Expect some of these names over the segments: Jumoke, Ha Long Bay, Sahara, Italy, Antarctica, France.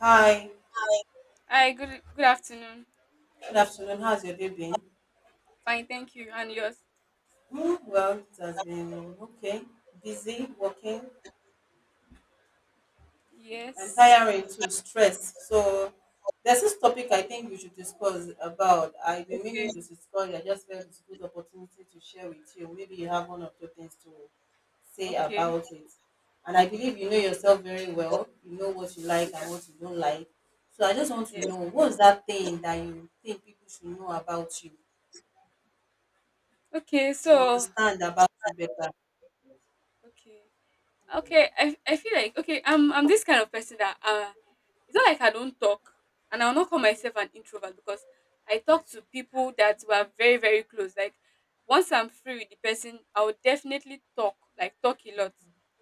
Hi, Hi, good afternoon. good afternoon. How's your day been? Fine, thank you. And yours? Mm, well, it has been okay. Busy, working, and Yes. tiring too, stress. So, there's this topic I think we should discuss about. I've been Okay. meaning to discuss it. I just felt it's a good opportunity to share with you. Maybe you have one or two things to say Okay. about it. And I believe you know yourself very well. You know what you like Yeah. and what you don't like. So I just want to Yes. know what's that thing that you think people should know about you, Okay. should understand about you better. okay. Okay. I feel like okay, I'm this kind of person that it's not like I don't talk, and I'll not call myself an introvert because I talk to people that were very, very close. Like once I'm free with the person, I will definitely talk, like talk a lot.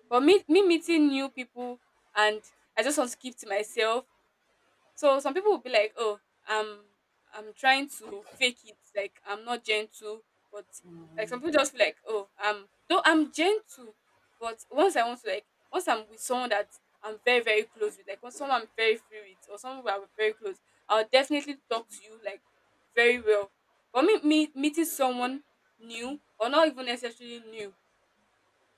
But me meeting new people and I just want to keep to myself. So some people will be like, "Oh, I'm I'm trying to fake it. Like I'm not gentle," but like some Mhm. people just feel like, oh, I'm though I'm gentle, but once I want to like once I'm with someone that I'm very very close with, like once someone I'm very free with, or someone who I'm very close, I'll definitely talk to you like very well. But me meeting someone new or not even necessarily new,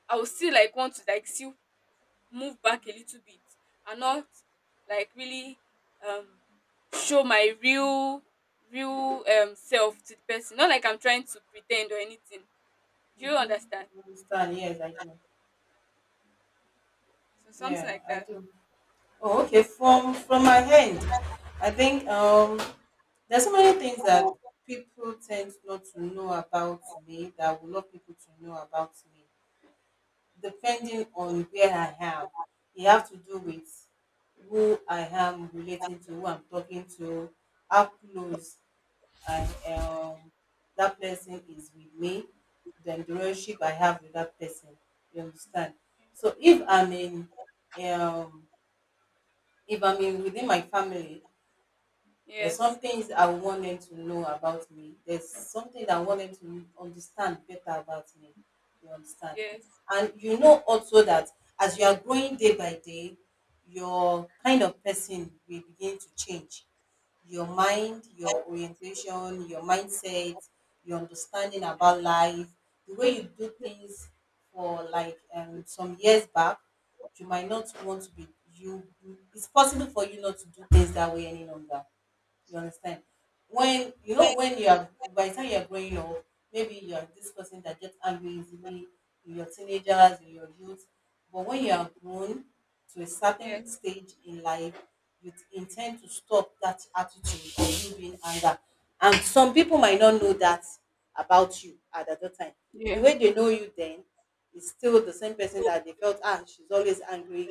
I will still want to see, move back a little bit and not like really um show my real self to the person, not like I'm trying to pretend or anything. Do you understand? Understand? Yes, I do. So something Yeah, like I that. do. Oh, okay. From my end, I think there's so many things that people tend not to know about me that I would love people to know about me, depending on where I am. It have to do with who I am relating to, who I'm talking to, how close I that person is with me, then the relationship I have with that person. You understand? So um if I'm in within my family, there's Yes. some things I want them to know about me. There's something that I want them to understand better about me. You understand? Yes. And you know also that as you are growing day by day, your kind of person will begin to change your mind, your orientation, your mindset, your understanding about life, the way you do things for like some years back, you might not want to be you. It's possible for you not to do things that way any longer. You understand? When you know when you are by the time you are growing up, maybe you are this person that gets angry easily in your teenagers, in your youth. But when you are grown to a certain Yes. stage in life, you intend to stop that attitude of you being anger. And some people might not know that about you at that time. The Yeah. way they know you then is still the same person that they felt, ah, she's always angry.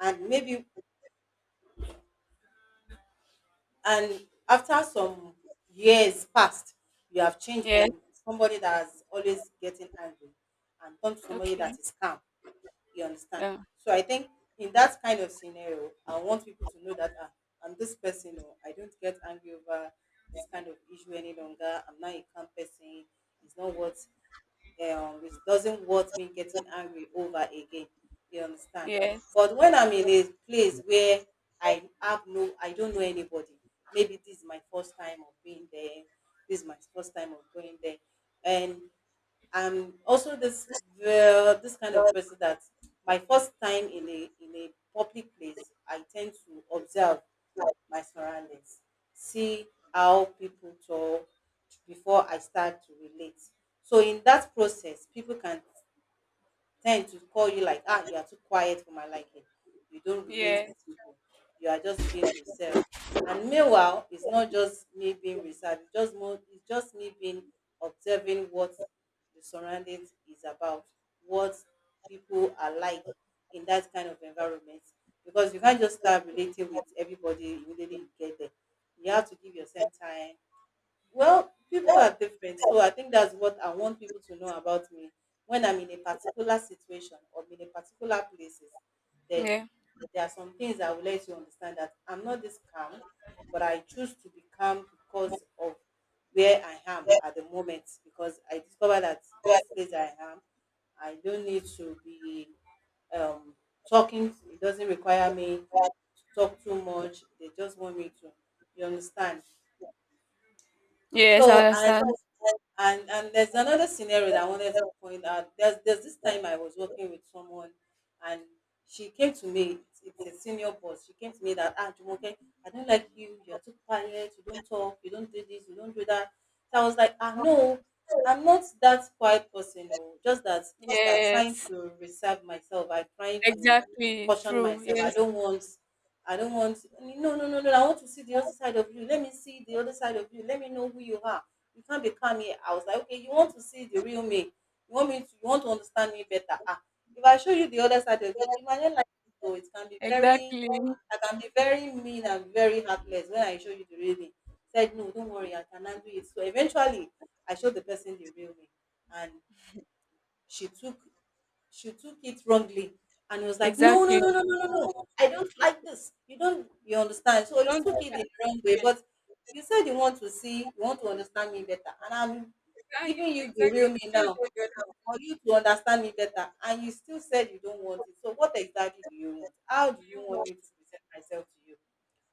And maybe and after some years passed, you have changed from Yes. somebody that's always getting angry and turn to somebody Okay. that is calm. You understand? Yeah. So I think in that kind of scenario, I want people to know that, ah, I'm this person, or I don't get angry over this kind of issue any longer. I'm not a calm person. It's not what It doesn't worth me getting angry over again. You understand? Yes. But when I'm in a place where I have no, I don't know anybody. Maybe this is my first time of being there. This is my first time of going there, and I'm also this kind of person that my first time in a public place, I tend to observe my surroundings, see how people talk before I start to relate. So in that process, people can tend to call you like, ah, you are too quiet for my liking. You don't relate Yes. with people. You are just being reserved. And meanwhile, it's not just me being reserved. It's just more. It's just me being observing what the surroundings is about, what people are like in that kind of environment. Because you can't just start relating with everybody immediately you get there. You have to give yourself time. Well, people are different. So I think that's what I want people to know about me. When I'm in a particular situation or in a particular places, then Yeah. there are some things I would let you understand that I'm not this calm, but I choose to be calm because of where I am at the moment. Because I discover that this place I am, I don't need to be um, talking. It doesn't require me to talk too much. They just want me to. You understand? Yes, I So, understand. and there's another scenario that I wanted to point out. There's this time I was working with someone, and she came to me. It's a senior boss. She came to me that, ah, Jumoke, I don't like you. You're too quiet. You don't talk. You don't do this. You don't do that. So I was like, ah, no, I'm not that quiet person. No, just that I'm trying Yes, to reserve myself. I'm trying to exactly. caution True. myself. I Yes, don't want. I don't want. No, no, no, no. I want to see the other side of you. Let me see the other side of you. Let me know who you are. You can't be calm here. I was like, okay, you want to see the real me. You want me to you want to understand me better. Ah, if I show you the other side of it, you might not like it though. It can be very exactly. I can be very mean and very heartless when I show you the real me. Said no, don't worry, I can handle it. So eventually I showed the person the real me, and she took she took it wrongly and was like, no, no, Exactly. no, no, no, no, no. I don't like this. You don't, you understand? So you Don't took it the wrong way. But you said you want to see, you want to understand me better. And I'm ah, giving you the exactly. real me Show now them your love. for you to Yeah. understand me better. And you still said you don't want it. So what exactly do you want? How do you want me to present myself to you?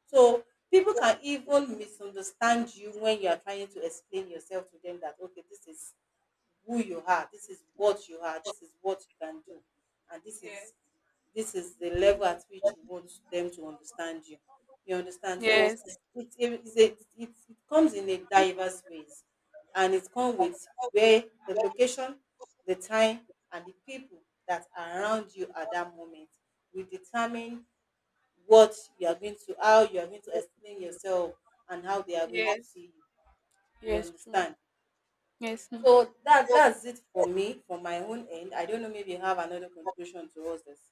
So people can even misunderstand you when you are trying to explain yourself to them that, okay, this is who you are, this is what you are, this is what you can do, and Yes. This is the level at which you want them to understand you. You understand? So Yes, it comes in a diverse ways, and it comes with where the location, the time, and the people that are around you at that moment will determine what you are going to how you are going to explain yourself and how they are going to yes, see you. You yes, true. understand? Yes. Mm. So that's it for me, for my own end. I don't know, maybe you have another contribution towards this.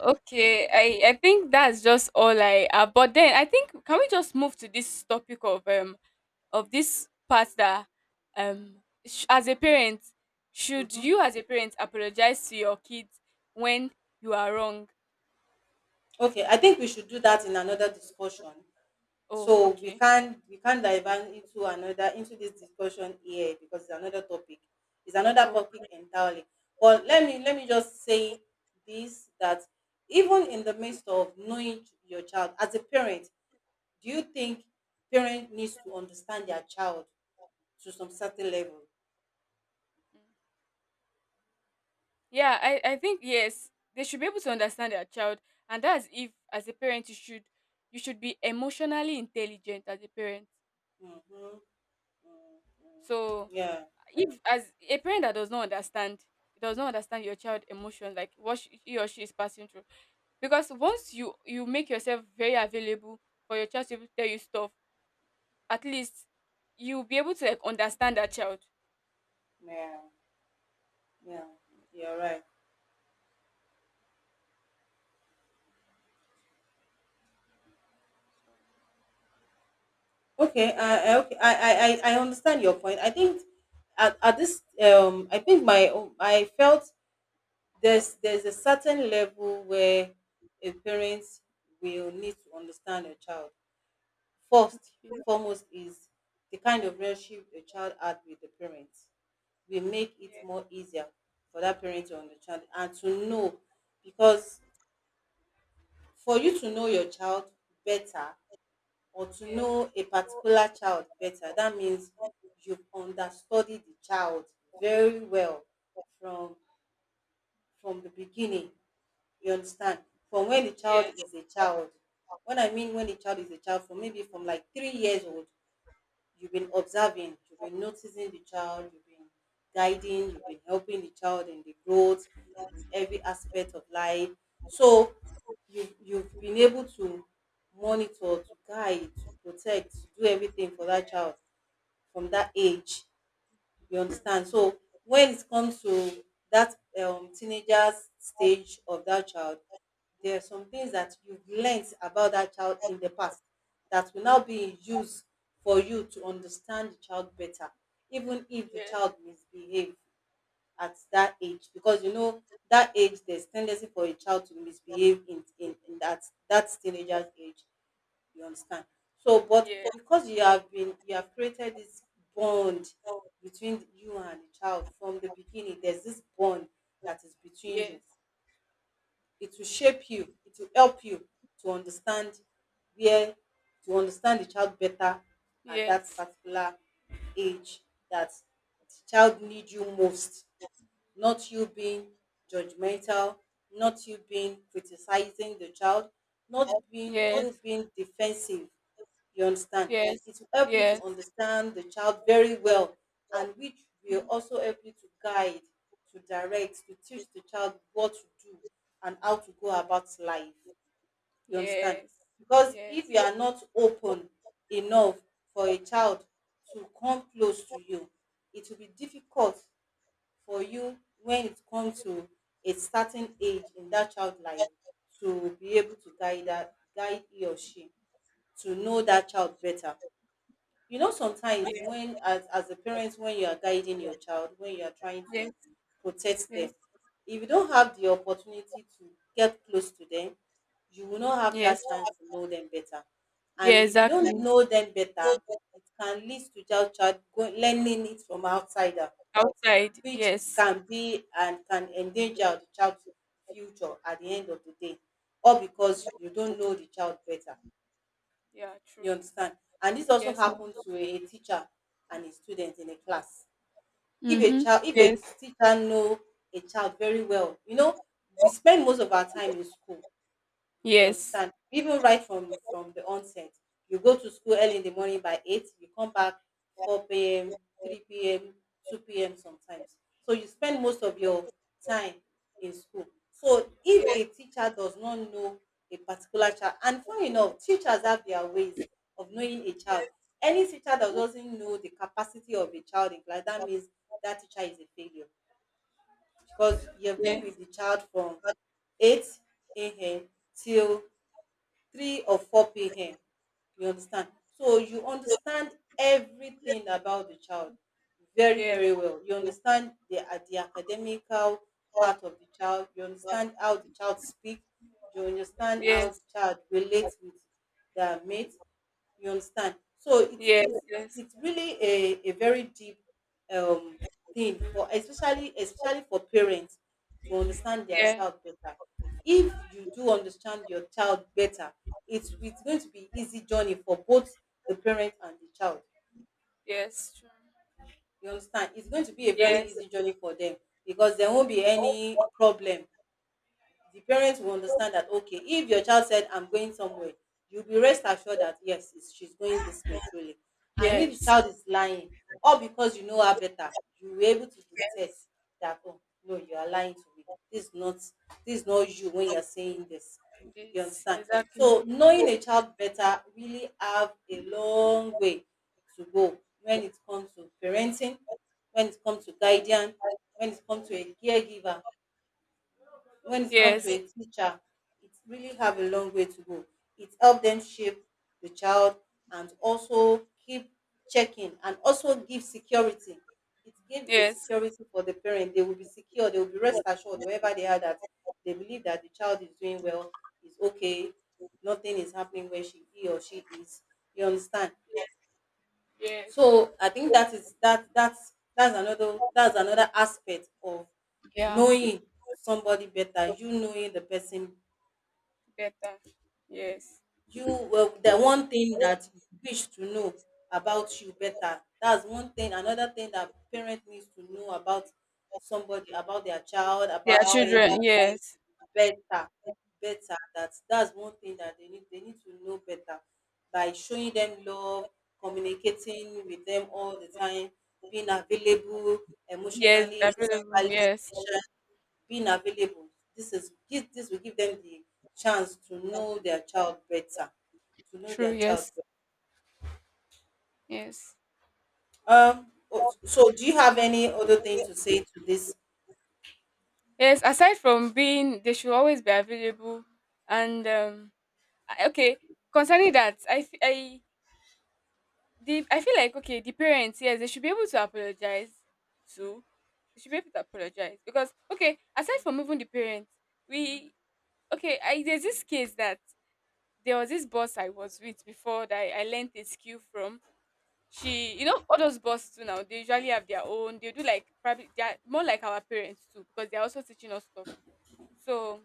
Okay, I think that's just all I but then I think, can we just move to this topic of this part that as a parent, should you as a parent apologize to your kids when you are wrong? Okay, I think we should do that in another discussion, Oh, so we okay. can we can divert into this discussion here, because it's another topic. It's another Oh, topic okay. entirely. But let me just say this, that even in the midst of knowing your child as a parent, do you think parent needs to understand their child to some certain level? Mm. Yeah. I think yes, they should be able to understand their child, and that's if as a parent you should, you should be emotionally intelligent as a parent. Mm-hmm. Mm. So Yeah, if as a parent that does not understand your child emotion, like what she, he or she is passing through, because once you make yourself very available for your child to even tell you stuff, at least you'll be able to like understand that child. yeah, yeah. You're right. Okay, So I, I okay, I understand your point. I think at this I think I felt there's a certain level where a parent will need to understand a child. First, okay. foremost is the kind of relationship a child had with the parents. We make it Yeah. more easier for that parent to understand and to know, because for you to know your child better, or to Yes. know a particular child better, that means you've understudied the child very well from the beginning. You understand? From when the Yes. child is a child. When I mean when the child is a child, from maybe from like 3 years old, you've been observing, you've been noticing the child, you've been guiding, you've been helping the child in the growth in every aspect of life. So you've been able to monitor, to guide, to protect, to do everything for that child from that age. You understand? So when it comes to that teenager stage of that child, there are some things that you've learnt about that child in the past that will now Mm. be in use for you to understand the child better, even if the Yes. child misbehave at that age. Because you know that age, there's tendency for a child to misbehave in that teenager's age. You understand? So, but Yes. because you have been, you have created this bond between you and the child from the beginning, there's this bond that is between you. Yes. It will shape you, it will help you to understand where, to understand the child better at that Yes. particular age that the child needs you most, not you being judgmental, not you being criticizing the child, not being Yes. you being defensive. You understand? Yes. It will help you to Yes. understand the child very well, and which will Mm. also help you to guide, to direct, to teach the child what to do and how to go about life. You understand? Yes. Because if Yes. you are not open enough for a child to come close to you, it will be difficult for you when it comes to a certain age in that child life to be able to guide that guide he or she, to know that child better. You know, sometimes Yes. when as a parent, when you are guiding your child, when you are trying to Yes. protect them, Yes. if you don't have the opportunity to get close to them, you will not have Yes. that chance to know them better. Yeah, And like, if you don't exactly. know them better, it can lead to learning it from outsider, Outside. which Yes. can be and can endanger the child's future at the end of the day, all Yeah, because you don't know the child better. yeah, You true. understand? And this also Yes. happen to a teacher and a student in a class. If a Mm-hmm. child if Yes. a teacher know a child very well, you know, we spend most of our time in school. You Yes. understand? Even right from the onset, you go to school early in the morning by eight, you come back four p.m., three p.m., two p.m. sometimes. So you spend most of your time in school. So if a Yes. teacher does not know a particular child, and funny enough, teachers have their ways of knowing a child. Any teacher that doesn't know the capacity of a child in class, that means that teacher is a failure, because you've been Yes. with the child from 8 a.m. till 3 or 4 p.m. You understand? So you understand everything about the child very, Yes. very Yes. well. You understand the academical part of the child. You understand how the child speaks. You understand how the Yes. child relates with their mate. You understand? So it's it's Yes. it's really a very deep um, thing for especially for parents to understand their Yeah. child better. If you do understand your child better, it's going to be easy journey for both the parent and the child. Yes. True. You understand? It's going to be a very Yes. easy journey for them, because there won't be any problem. The parents will understand that, okay, if your child said I'm going somewhere, you'll be rest assured that yes, she's going this way truly. And if the Yes. child is lying, or because you know her better, you will able to detect that, oh no, you are lying to me, this is not you when you're saying this. You Yes. understand? Exactly. So knowing a child better really have a long way to go when it comes to parenting, when it comes to guardian, when it comes to a caregiver, when it comes Yes. to Yes. a teacher, it really have a long way to go. It help them shape the child, and also keep checking, and also give security. It gave a Yes. security for the parent. They will be secure. They will be rest assured wherever they are, that they believe that the child is doing well, is okay, nothing is happening where she he or she is. You understand? Yes. So I think that is that's another aspect of Yeah. knowing somebody better, you knowing the person, Better. Yes. you well, the one thing that you wish to know about you better. That's one thing. Another thing that parent needs to know about somebody, about their child, Their about friends children. Yes. better. That's one thing that they need to know better, by showing them love, communicating with them all the time, being available Yes. emotionally, Available. physically Yes. emotionally being available. This will give them the chance to know their child better, to know True. their child Yes. Yes. better. Oh, so do you have any other thing to say to this? Yes, aside from being, they should always be available. And okay, concerning that, I feel like okay, the parents, yes, they should be able to apologize too. They should be able to apologize because okay, aside from even the parents, we okay, I, there's this case that there was this boss I was with before that I learned a skill from. She, you know, all those bosses too now, they usually have their own. They do like probably they are more like our parents too, because they are also teaching us stuff. So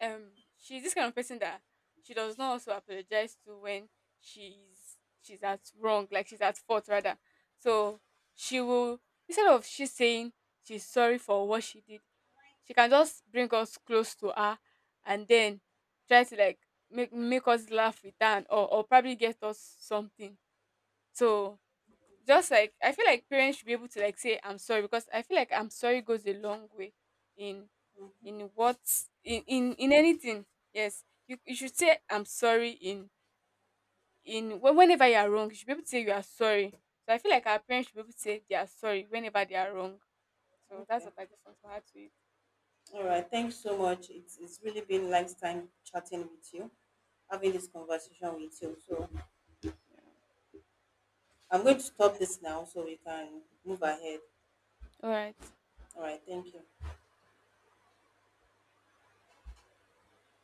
um, she's this kind of person that she does not also apologize to when she's at wrong, like she's at fault rather. So she will, instead of she saying she's sorry for what she did, she can just bring us close to her and then try to like make us laugh with her or probably get us something. So just like, I feel like parents should be able to like say I'm sorry, because I feel like I'm sorry goes a long way in in what, in, in anything. Yes, you should say I'm sorry in whenever you are wrong. You should be able to say you are sorry. So I feel like our parents should be able to say they are sorry whenever they are wrong. So that's Okay. what I just want to add to it. All right. Thanks so much. It's really been nice time chatting with you, having this conversation with you. So I'm going to stop this now so we can move ahead. All right. All right. Thank you.